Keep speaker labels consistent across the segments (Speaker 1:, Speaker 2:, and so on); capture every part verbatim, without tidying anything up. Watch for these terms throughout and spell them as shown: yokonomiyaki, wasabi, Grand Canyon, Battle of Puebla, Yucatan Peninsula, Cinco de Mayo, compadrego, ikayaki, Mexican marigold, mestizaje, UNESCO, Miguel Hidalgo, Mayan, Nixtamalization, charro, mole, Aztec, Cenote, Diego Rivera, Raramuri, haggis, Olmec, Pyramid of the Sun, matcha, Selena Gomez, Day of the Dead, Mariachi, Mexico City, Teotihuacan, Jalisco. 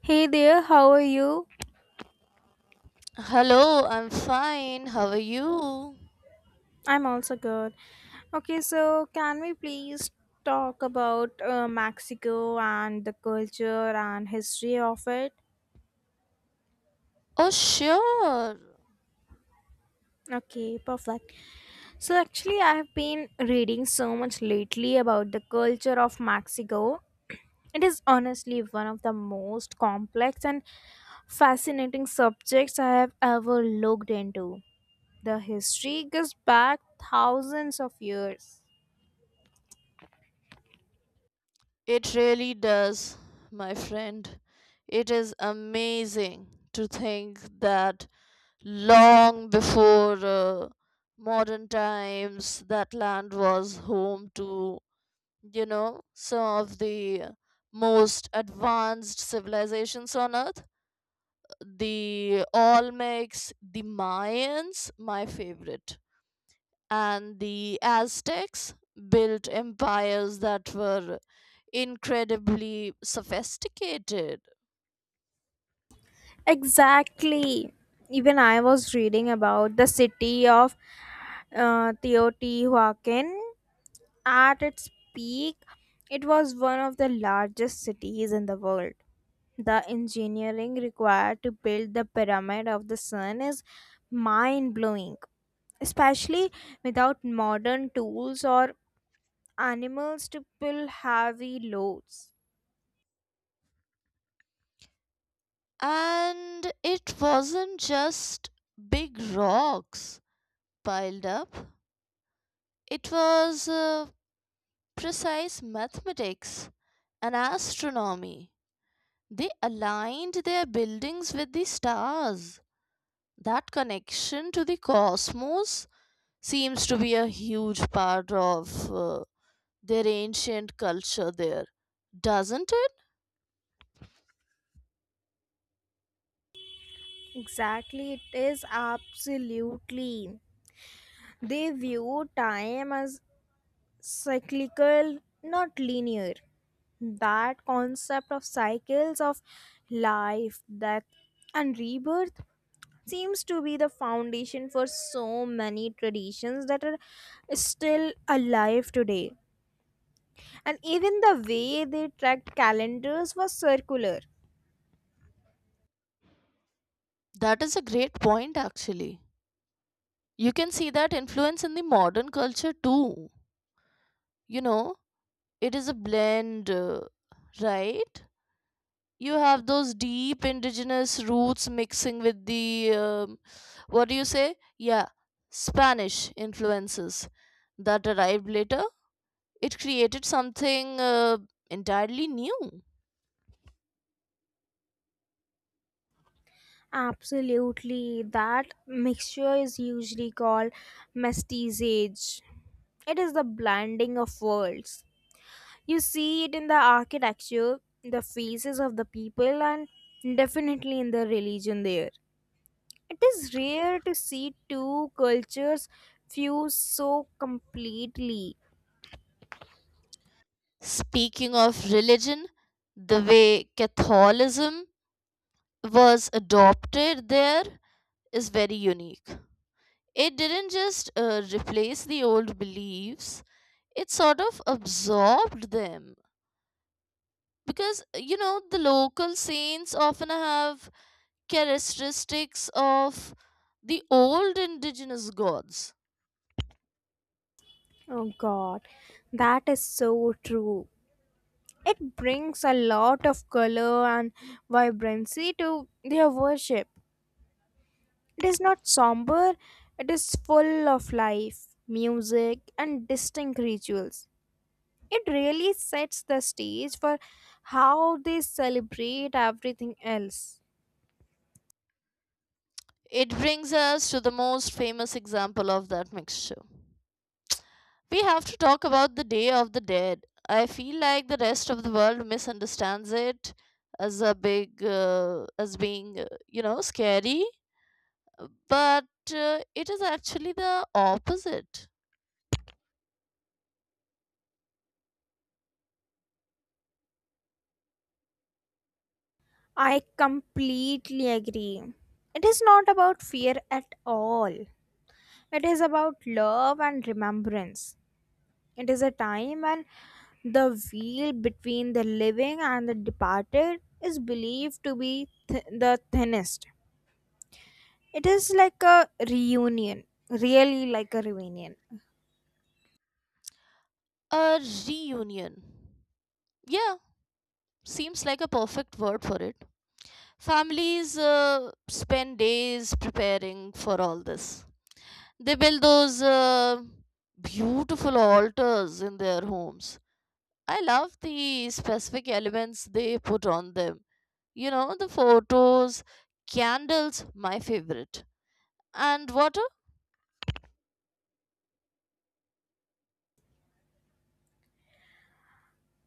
Speaker 1: Hey there, how are you?
Speaker 2: Hello, I'm fine. How are you?
Speaker 1: I'm also good. Okay, so can we please talk about uh, Mexico and the culture and history of it?
Speaker 2: Oh, sure.
Speaker 1: Okay, perfect. So actually, I've been reading so much lately about the culture of Mexico. It is honestly one of the most complex and fascinating subjects I have ever looked into. The history goes back thousands of years.
Speaker 2: It really does, my friend. It is amazing to think that long before uh, modern times, that land was home to, you know, some of the most advanced civilizations on earth. The Olmecs, the Mayans, my favorite, and the Aztecs built empires that were incredibly sophisticated.
Speaker 1: Exactly. Even I was reading about the city of uh, Teotihuacan. At its peak, it was one of the largest cities in the world. The engineering required to build the Pyramid of the Sun is mind blowing, especially without modern tools or animals to pull heavy loads.
Speaker 2: And it wasn't just big rocks piled up, it was uh, precise mathematics and astronomy. They aligned their buildings with the stars. That connection to the cosmos seems to be a huge part of uh, their ancient culture there, doesn't it?
Speaker 1: Exactly, it is absolutely. They view time as cyclical, not linear. That concept of cycles of life, death, and rebirth seems to be the foundation for so many traditions that are still alive today. And even the way they tracked calendars was circular.
Speaker 2: That is a great point, actually. You can see that influence in the modern culture too. You know, it is a blend, uh, right? You have those deep indigenous roots mixing with the um, what do you say, yeah, spanish influences that arrived later. It created something uh, entirely new.
Speaker 1: Absolutely, that mixture is usually called mestiizage. It is the blending of worlds. You see it in the architecture, the faces of the people, and definitely in the religion there. It is rare to see two cultures fuse so completely.
Speaker 2: Speaking of religion, the way catholicism was adopted there is very unique. It didn't just uh, replace the old beliefs, it sort of absorbed them, because uh, you know, the local saints often have characteristics of the old indigenous gods.
Speaker 1: Oh god, that is so true. It brings a lot of color and vibrancy to their worship. It is not somber, it is full of life, music, and distinct rituals. It really sets the stage for how they celebrate everything else.
Speaker 2: It brings us to the most famous example of that mixture. We have to talk about the day of the dead. I feel like the rest of the world misunderstands it as a big uh, as being uh, you know, scary, uh, but uh, it is actually the opposite.
Speaker 1: I completely agree. It is not about fear at all. It is about love and remembrance. It is a time when the veil between the living and the departed is believed to be th- the thinnest. It is like a reunion, really like a reunion.
Speaker 2: A reunion, yeah. Seems like a perfect word for it. Families uh, spend days preparing for all this. They build those uh, beautiful altars in their homes. I love the specific elements they put on them. You know, the photos, candles, my favorite, and water.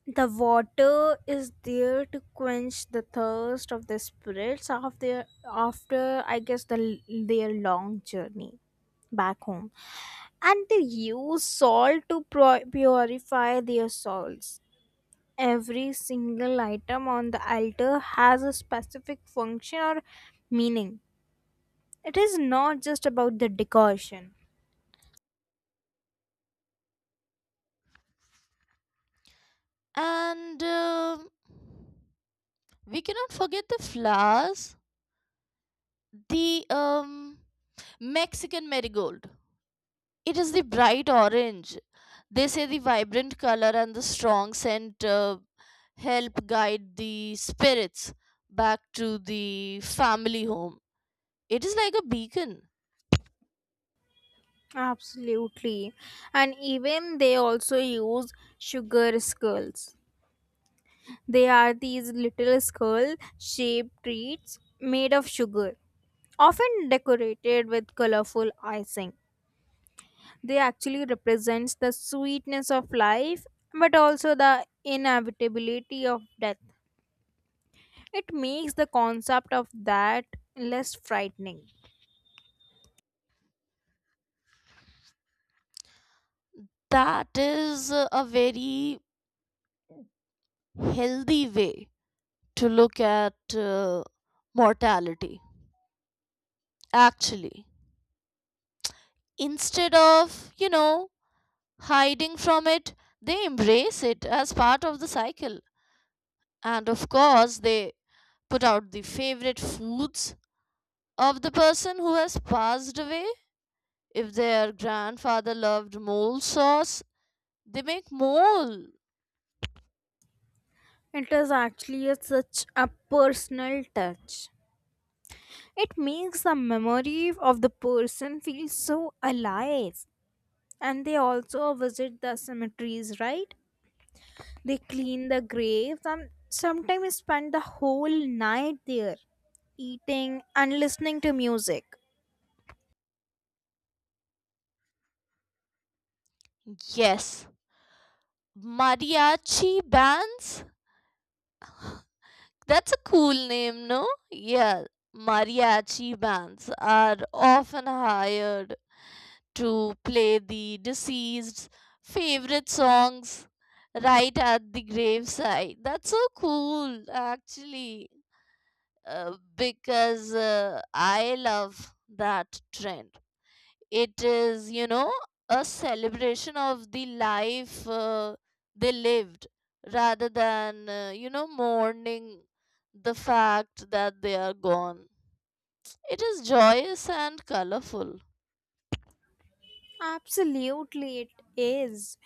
Speaker 1: The water is there to quench the thirst of the spirits after after I guess the, their long journey back home. And they use salt to pro- purify their souls. Every single item on the altar has a specific function or meaning. It is not just about the decoration.
Speaker 2: And um we cannot forget the flowers, the um, Mexican marigold. It is the bright orange. They say the vibrant color and the strong scent uh, help guide the spirits back to the family home. It is like a beacon.
Speaker 1: Absolutely. And even they also use sugar skulls. They are these little skull shaped treats made of sugar, often decorated with colorful icing. They actually represents the sweetness of life but also the inevitability of death. It makes the concept of that less frightening.
Speaker 2: That is uh, a very healthy way to look at uh, mortality, actually. Instead of, you know, hiding from it, they embrace it as part of the cycle. And of course, they put out the favorite foods of the person who has passed away. If their grandfather loved mole sauce, they make mole.
Speaker 1: It is actually a, such a personal touch. It makes the memory of the person feel so alive. And they also visit the cemeteries, right? They clean the graves and sometimes spend the whole night there, eating and listening to music.
Speaker 2: Yes. Mariachi bands? That's a cool name, no? Yeah. Mariachi bands are often hired to play the deceased's favorite songs right at the graveside. That's so cool, actually. Uh, because uh, I love that trend. It is, you know, a celebration of the life uh, they lived rather than, uh, you know, mourning the fact that they are gone. It is joyous and colorful.
Speaker 1: Absolutely, it is.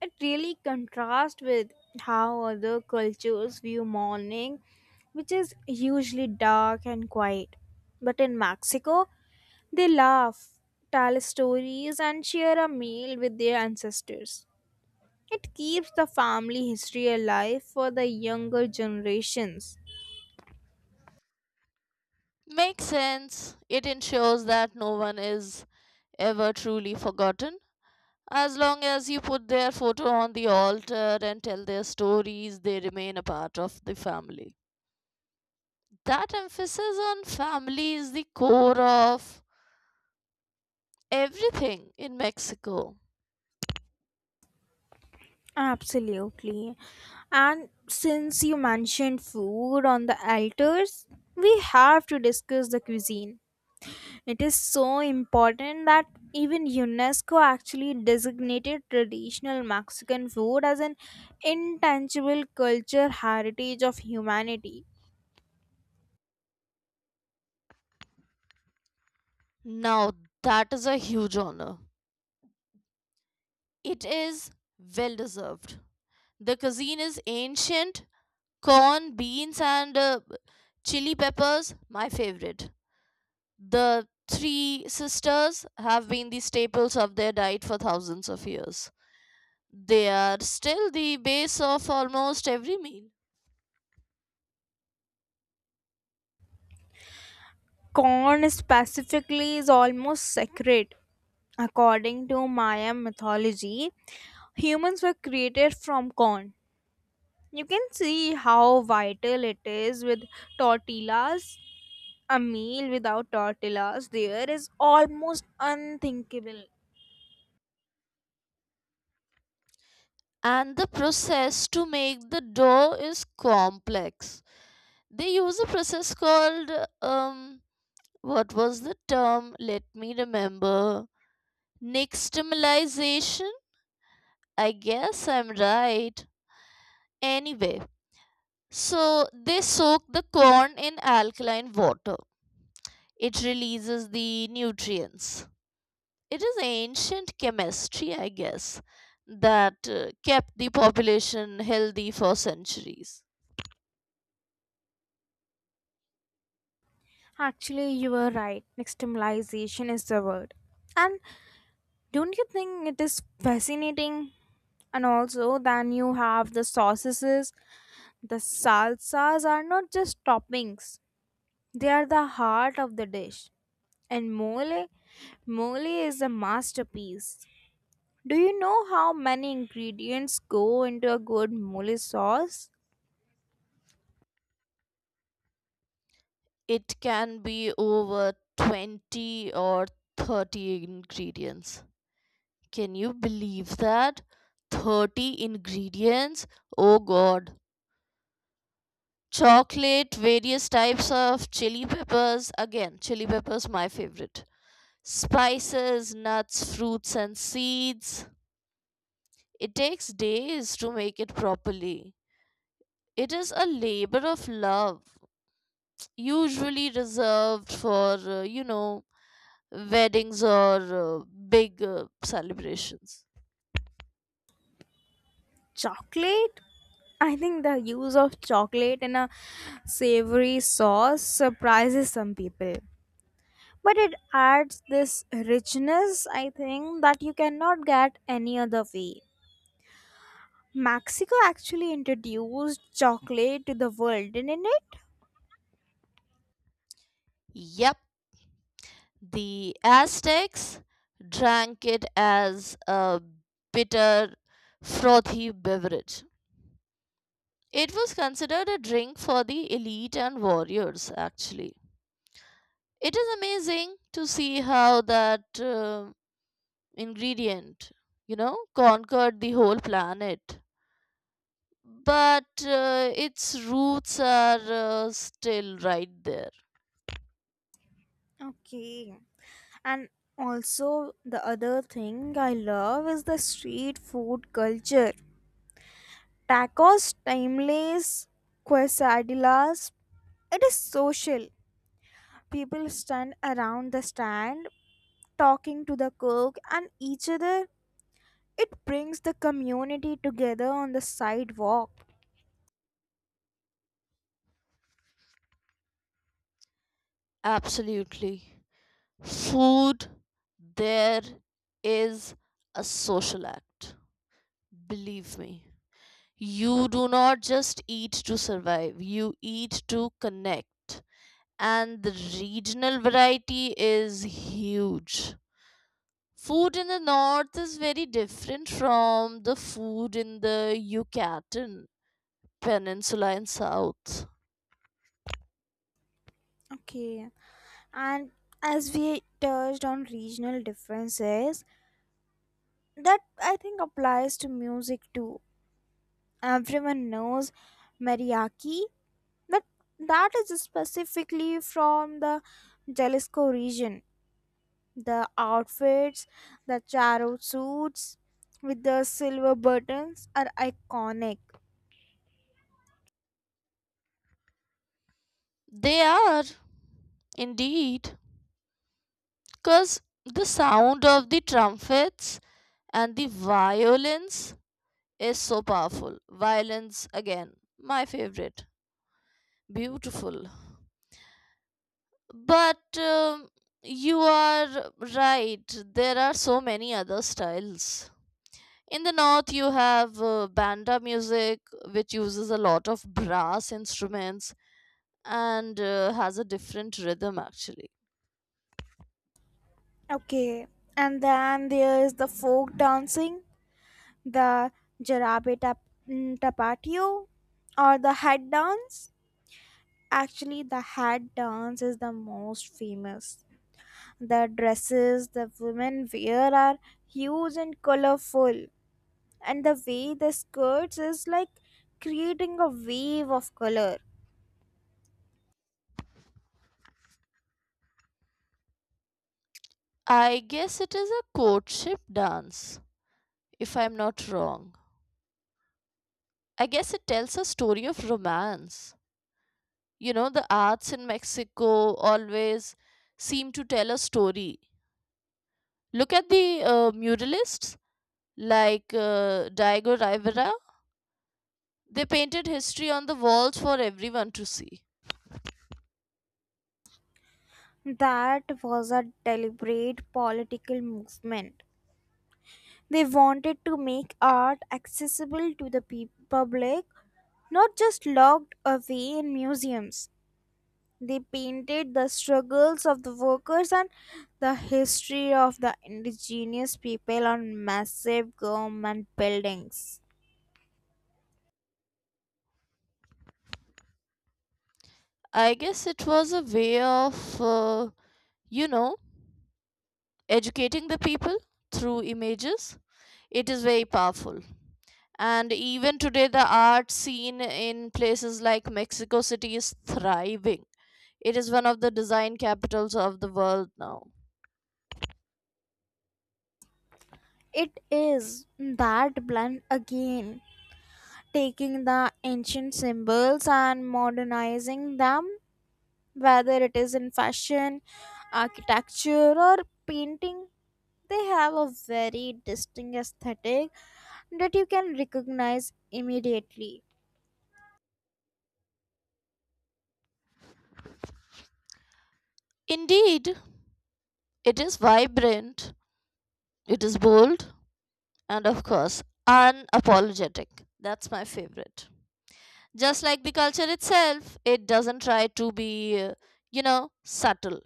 Speaker 1: It really contrasts with how other cultures view mourning, which is usually dark and quiet. But in Mexico, they laugh, tell stories, and share a meal with their ancestors. It keeps the family history alive for the younger generations.
Speaker 2: Makes sense. It ensures that no one is ever truly forgotten. As long as you put their photo on the altar and tell their stories, they remain a part of the family. That emphasis on family is the core of everything in Mexico.
Speaker 1: Absolutely. And since you mentioned food on the altars, we have to discuss the cuisine. It is so important that even UNESCO actually designated traditional Mexican food as an intangible culture heritage of humanity.
Speaker 2: Now, that is a huge honor. It is well deserved. The cuisine is ancient: corn, beans, and uh, chili peppers, my favorite. The three sisters have been the staples of their diet for thousands of years. They are still the base of almost every meal.
Speaker 1: Corn specifically is almost sacred. According to Maya mythology, humans were created from corn. You can see how vital it is with tortillas. A meal without tortillas there is almost unthinkable.
Speaker 2: And the process to make the dough is complex. They use a process called um what was the term? Let me remember. Nixtamalization. I guess I'm right. Anyway, so they soak the corn in alkaline water. It releases the nutrients. It is ancient chemistry, I guess, that uh, kept the population healthy for centuries.
Speaker 1: Actually, you were right. Maximalization is the word. And don't you think it is fascinating? And also, then you have the sauces. The salsas are not just toppings, they are the heart of the dish. And mole, mole is a masterpiece. Do you know how many ingredients go into a good mole sauce?
Speaker 2: It can be over twenty or thirty ingredients. Can you believe that? thirty ingredients? Oh god. Chocolate, various types of chili peppers. Again, chili peppers, my favorite. Spices, nuts, fruits, and seeds. It takes days to make it properly. It is a labor of love, usually reserved for, uh, you know, weddings or uh, big uh, celebrations.
Speaker 1: Chocolate? I think the use of chocolate in a savory sauce surprises some people. But it adds this richness, I think, that you cannot get any other way. Mexico actually introduced chocolate to the world, didn't it?
Speaker 2: Yep, the Aztecs drank it as a bitter, frothy beverage. It was considered a drink for the elite and warriors, actually. It is amazing to see how that uh, ingredient, you know, conquered the whole planet. But uh, its roots are uh, still right there.
Speaker 1: Okay. And also, the other thing I love is the street food culture. Tacos, timeless quesadillas. It is social. People stand around the stand, talking to the cook and each other. It brings the community together on the sidewalk.
Speaker 2: Absolutely. Food there is a social act. Believe me. You do not just eat to survive, you eat to connect. And the regional variety is huge. Food in the north is very different from the food in the Yucatan Peninsula in south.
Speaker 1: Okay, and as we touched on regional differences, that I think applies to music too. Everyone knows mariachi, but that is specifically from the Jalisco region. The outfits, the charro suits with the silver buttons are iconic.
Speaker 2: They are indeed, because the sound of the trumpets and the violins is so powerful. Violence, again, my favorite. Beautiful. But um, you are right, there are so many other styles. In the north, you have uh, banda music, which uses a lot of brass instruments and uh, has a different rhythm actually.
Speaker 1: Okay, and then there is the folk dancing, the jarabe tap- mm, tapatio, or the hat dance. Actually, the hat dance is the most famous. The dresses the women wear are huge and colorful, and the way the skirts is like creating a wave of color.
Speaker 2: I guess it is a courtship dance, if I'm not wrong. I guess it tells a story of romance. You know, the arts in Mexico always seem to tell a story. Look at the uh, muralists like uh, Diego Rivera. They painted history on the walls for everyone to see.
Speaker 1: That was a deliberate political movement. They wanted to make art accessible to the pe- public, not just locked away in museums. They painted the struggles of the workers and the history of the indigenous people on massive government buildings.
Speaker 2: I guess it was a way of, uh, you know, educating the people through images. It is very powerful. And even today, the art scene in places like Mexico City is thriving. It is one of the design capitals of the world now.
Speaker 1: It is that blend again, taking the ancient symbols and modernizing them whether it is in fashion, architecture, or painting. They have a very distinct aesthetic that you can recognize immediately.
Speaker 2: Indeed, it is vibrant, it is bold, and of course, unapologetic. That's my favorite. Just like the culture itself, it doesn't try to be, uh, you know, subtle.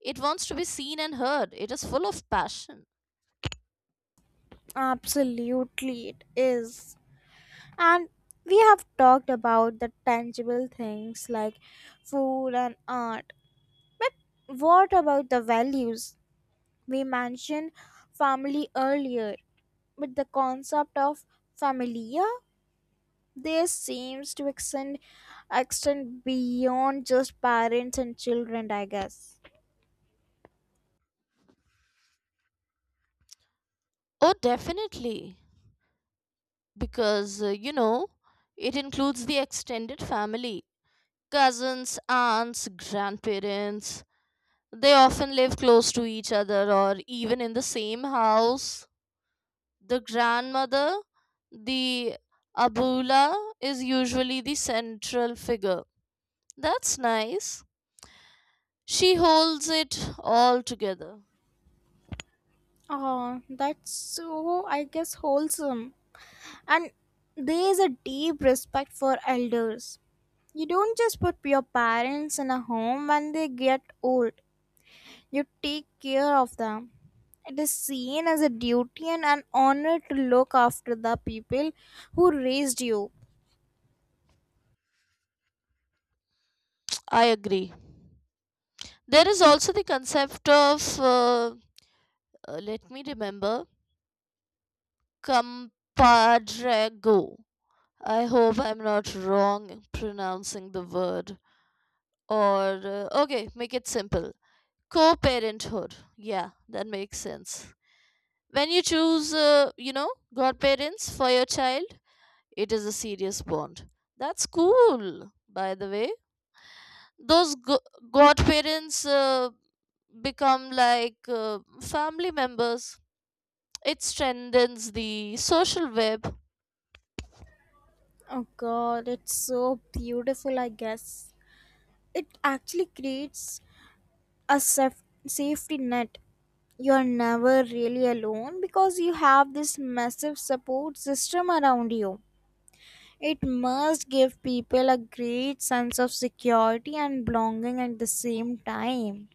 Speaker 2: It wants to be seen and heard. It is full of passion.
Speaker 1: Absolutely, it is. And we have talked about the tangible things like food and art. But what about the values? We mentioned family earlier, but the concept of familia. This seems to extend extend beyond just parents and children, I guess.
Speaker 2: Oh, definitely. Because, uh, you know, it includes the extended family: cousins, aunts, grandparents. They often live close to each other or even in the same house. The grandmother, the abula, is usually the central figure. That's nice. She holds it all together.
Speaker 1: Oh, that's so, I guess, wholesome. And there is a deep respect for elders. You don't just put your parents in a home when they get old, you take care of them. It is seen as a duty and an honor to look after the people who raised you.
Speaker 2: I agree. There is also the concept of, uh, uh, let me remember, compadrego. I hope I'm not wrong pronouncing the word. Or, uh, okay, make it simple. Co parenthood. Yeah, that makes sense. When you choose, uh, you know, godparents for your child, it is a serious bond. That's cool, by the way. Those go- godparents uh, become like uh, family members. It strengthens the social web.
Speaker 1: Oh god, it's so beautiful, I guess. It actually creates a saf- safety net. You're never really alone because you have this massive support system around you. It must give people a great sense of security and belonging at the same time.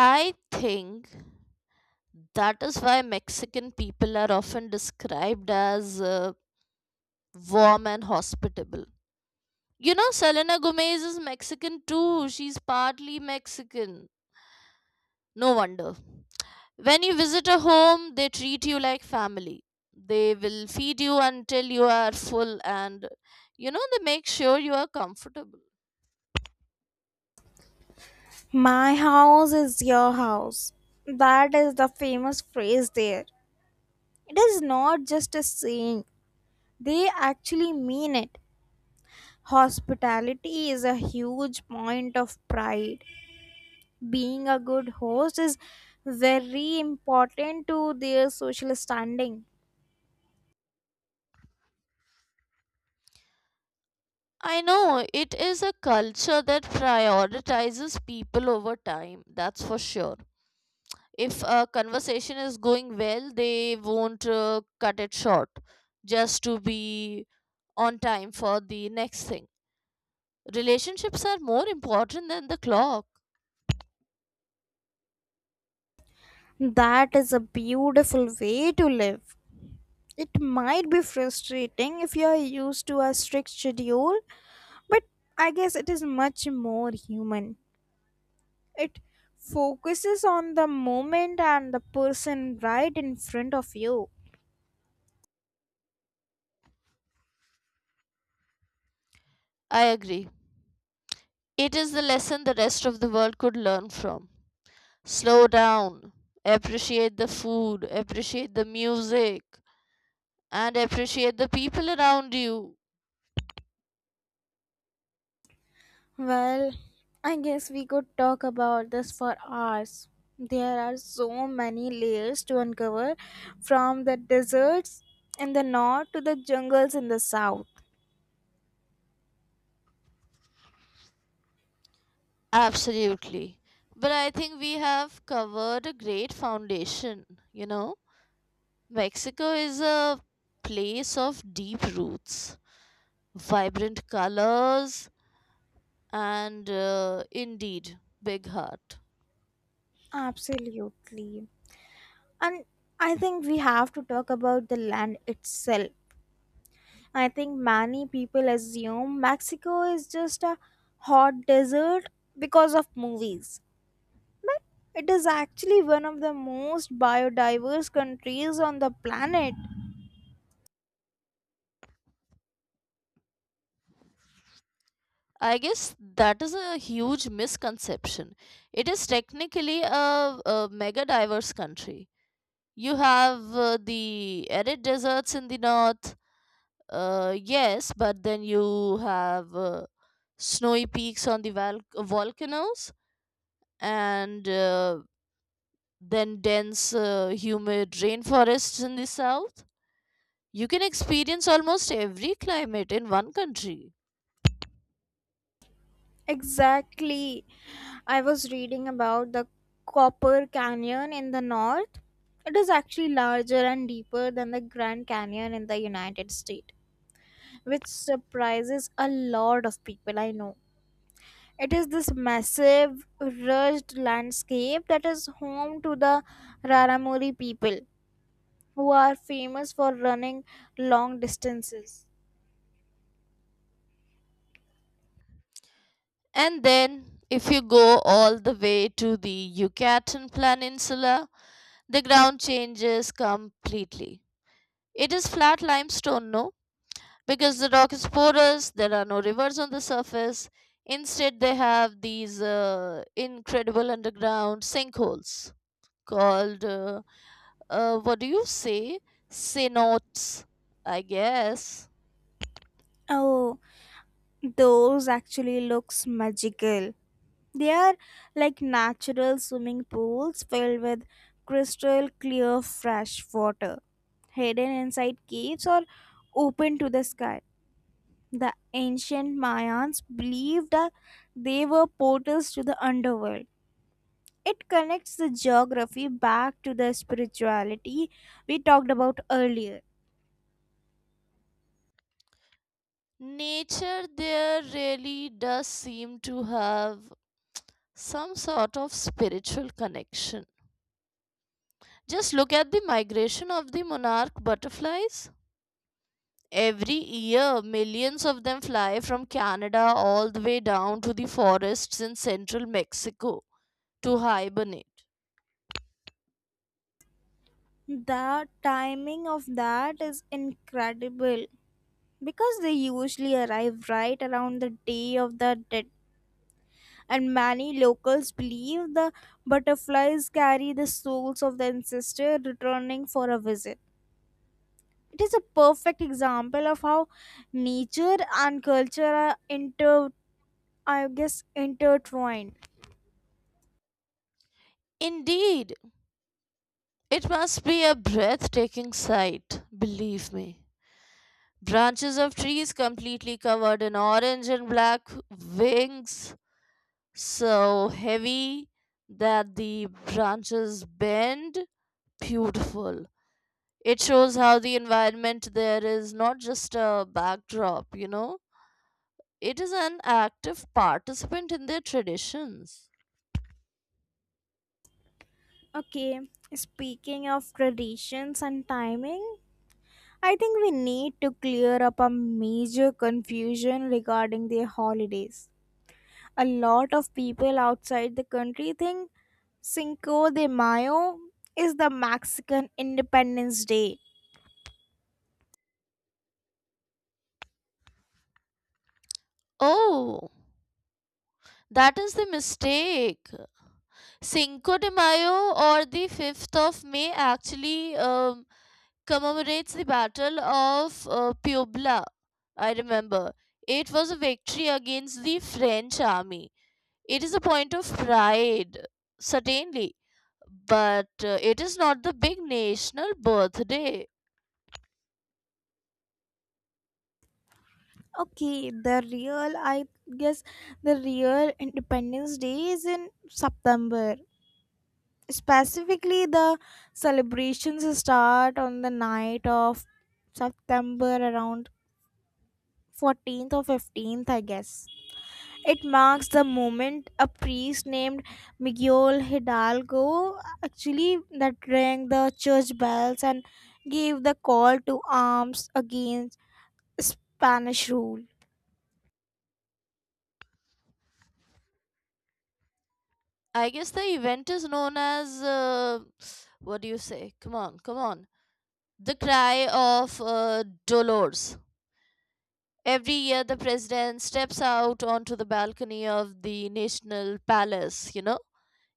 Speaker 2: I think that is why Mexican people are often described as uh, warm and hospitable. You know, Selena Gomez is Mexican too. She's partly Mexican. No wonder. When you visit a home, they treat you like family. They will feed you until you are full and, you know, they make sure you are comfortable.
Speaker 1: My house is your house. That is the famous phrase there. It is not just a saying, they actually mean it. Hospitality is a huge point of pride. Being a good host is very important to their social standing.
Speaker 2: I know it is a culture that prioritizes people over time, that's for sure. If a conversation is going well, they won't uh, cut it short just to be on time for the next thing. Relationships are more important than the clock.
Speaker 1: That is a beautiful way to live. It might be frustrating if you are used to a strict schedule, but I guess it is much more human. It focuses on the moment and the person right in front of you.
Speaker 2: I agree. It is the lesson the rest of the world could learn from. Slow down, appreciate the food, appreciate the music, and appreciate the people around you.
Speaker 1: Well, I guess we could talk about this for hours. There are so many layers to uncover from the deserts in the north to the jungles in the south.
Speaker 2: Absolutely. But I think we have covered a great foundation, you know. Mexico is a place of deep roots, vibrant colors, and uh, indeed, big heart.
Speaker 1: Absolutely. And I think we have to talk about the land itself. I think many people assume Mexico is just a hot desert because of movies. But it is actually one of the most biodiverse countries on the planet.
Speaker 2: I guess that is a huge misconception. It is technically a, a mega diverse country. You have uh, the arid deserts in the north, uh, yes, but then you have uh, snowy peaks on the val- volcanoes, and uh, then dense, uh, humid rainforests in the south. You can experience almost every climate in one country.
Speaker 1: Exactly. I was reading about the Copper Canyon in the north. It is actually larger and deeper than the Grand Canyon in the United States, which surprises a lot of people I know. It is this massive, rugged landscape that is home to the Raramuri people, who are famous for running long distances.
Speaker 2: And then, if you go all the way to the Yucatan Peninsula, the ground changes completely. It is flat limestone, no? Because the rock is porous, there are no rivers on the surface. Instead, they have these uh, incredible underground sinkholes called, uh, uh, what do you say? Cenotes, I guess.
Speaker 1: Oh, those actually looks magical. They are like natural swimming pools filled with crystal clear fresh water, hidden inside caves or open to the sky. The ancient Mayans believed that they were portals to the underworld. It connects the geography back to the spirituality we talked about earlier.
Speaker 2: Nature there really does seem to have some sort of spiritual connection. Just look at the migration of the monarch butterflies. Every year, millions of them fly from Canada all the way down to the forests in central Mexico to hibernate.
Speaker 1: The timing of that is incredible because they usually arrive right around the day of the dead and many locals believe the butterflies carry the souls of the ancestor returning for a visit. It is a perfect example of how nature and culture are inter, I guess, intertwined.
Speaker 2: Indeed, it must be a breathtaking sight, believe me. Branches of trees completely covered in orange and black wings, so heavy that the branches bend. Beautiful. It shows how the environment there is not just a backdrop, you know, it is an active participant in their traditions.
Speaker 1: Okay, speaking of traditions and timing, I think we need to clear up a major confusion regarding their holidays. A lot of people outside the country think Cinco de Mayo is the Mexican Independence Day.
Speaker 2: Oh, that is the mistake. Cinco de Mayo, or the fifth of May, actually um, commemorates the Battle of uh, Puebla. I remember. It was a victory against the French army. It is a point of pride, certainly. But uh, it is not the big national birthday.
Speaker 1: Okay, the real, I guess, the real Independence Day is in September. Specifically, the celebrations start on the night of September around fourteenth or fifteenth, I guess. It marks the moment a priest named Miguel Hidalgo actually that rang the church bells and gave the call to arms against Spanish rule.
Speaker 2: I guess the event is known as uh, what do you say? Come on, come on. The cry of uh, Dolores. Every year, the president steps out onto the balcony of the national palace, you know,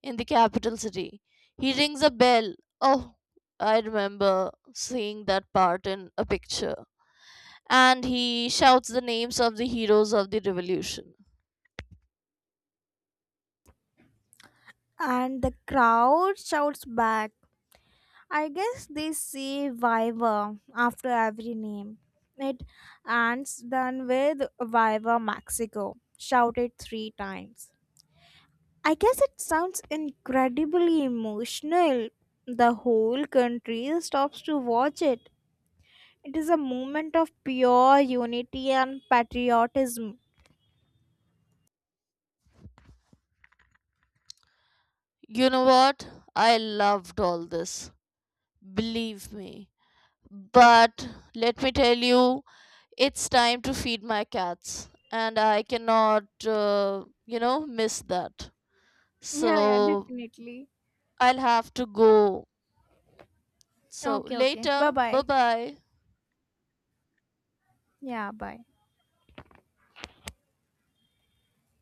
Speaker 2: in the capital city. He rings a bell. Oh, I remember seeing that part in a picture. And he shouts the names of the heroes of the revolution.
Speaker 1: And the crowd shouts back. I guess they say Viva after every name. It ends then with Viva Mexico, shouted three times. I guess it sounds incredibly emotional. The whole country stops to watch it. It is a moment of pure unity and patriotism.
Speaker 2: You know what? I loved all this. Believe me. But let me tell you, it's time to feed my cats. And I cannot, uh, you know, miss that.
Speaker 1: Yeah, yeah,
Speaker 2: So
Speaker 1: definitely.
Speaker 2: I'll have to go. So
Speaker 1: Okay, okay. Bye
Speaker 2: later. Bye
Speaker 1: bye.
Speaker 2: bye.
Speaker 1: Yeah, bye.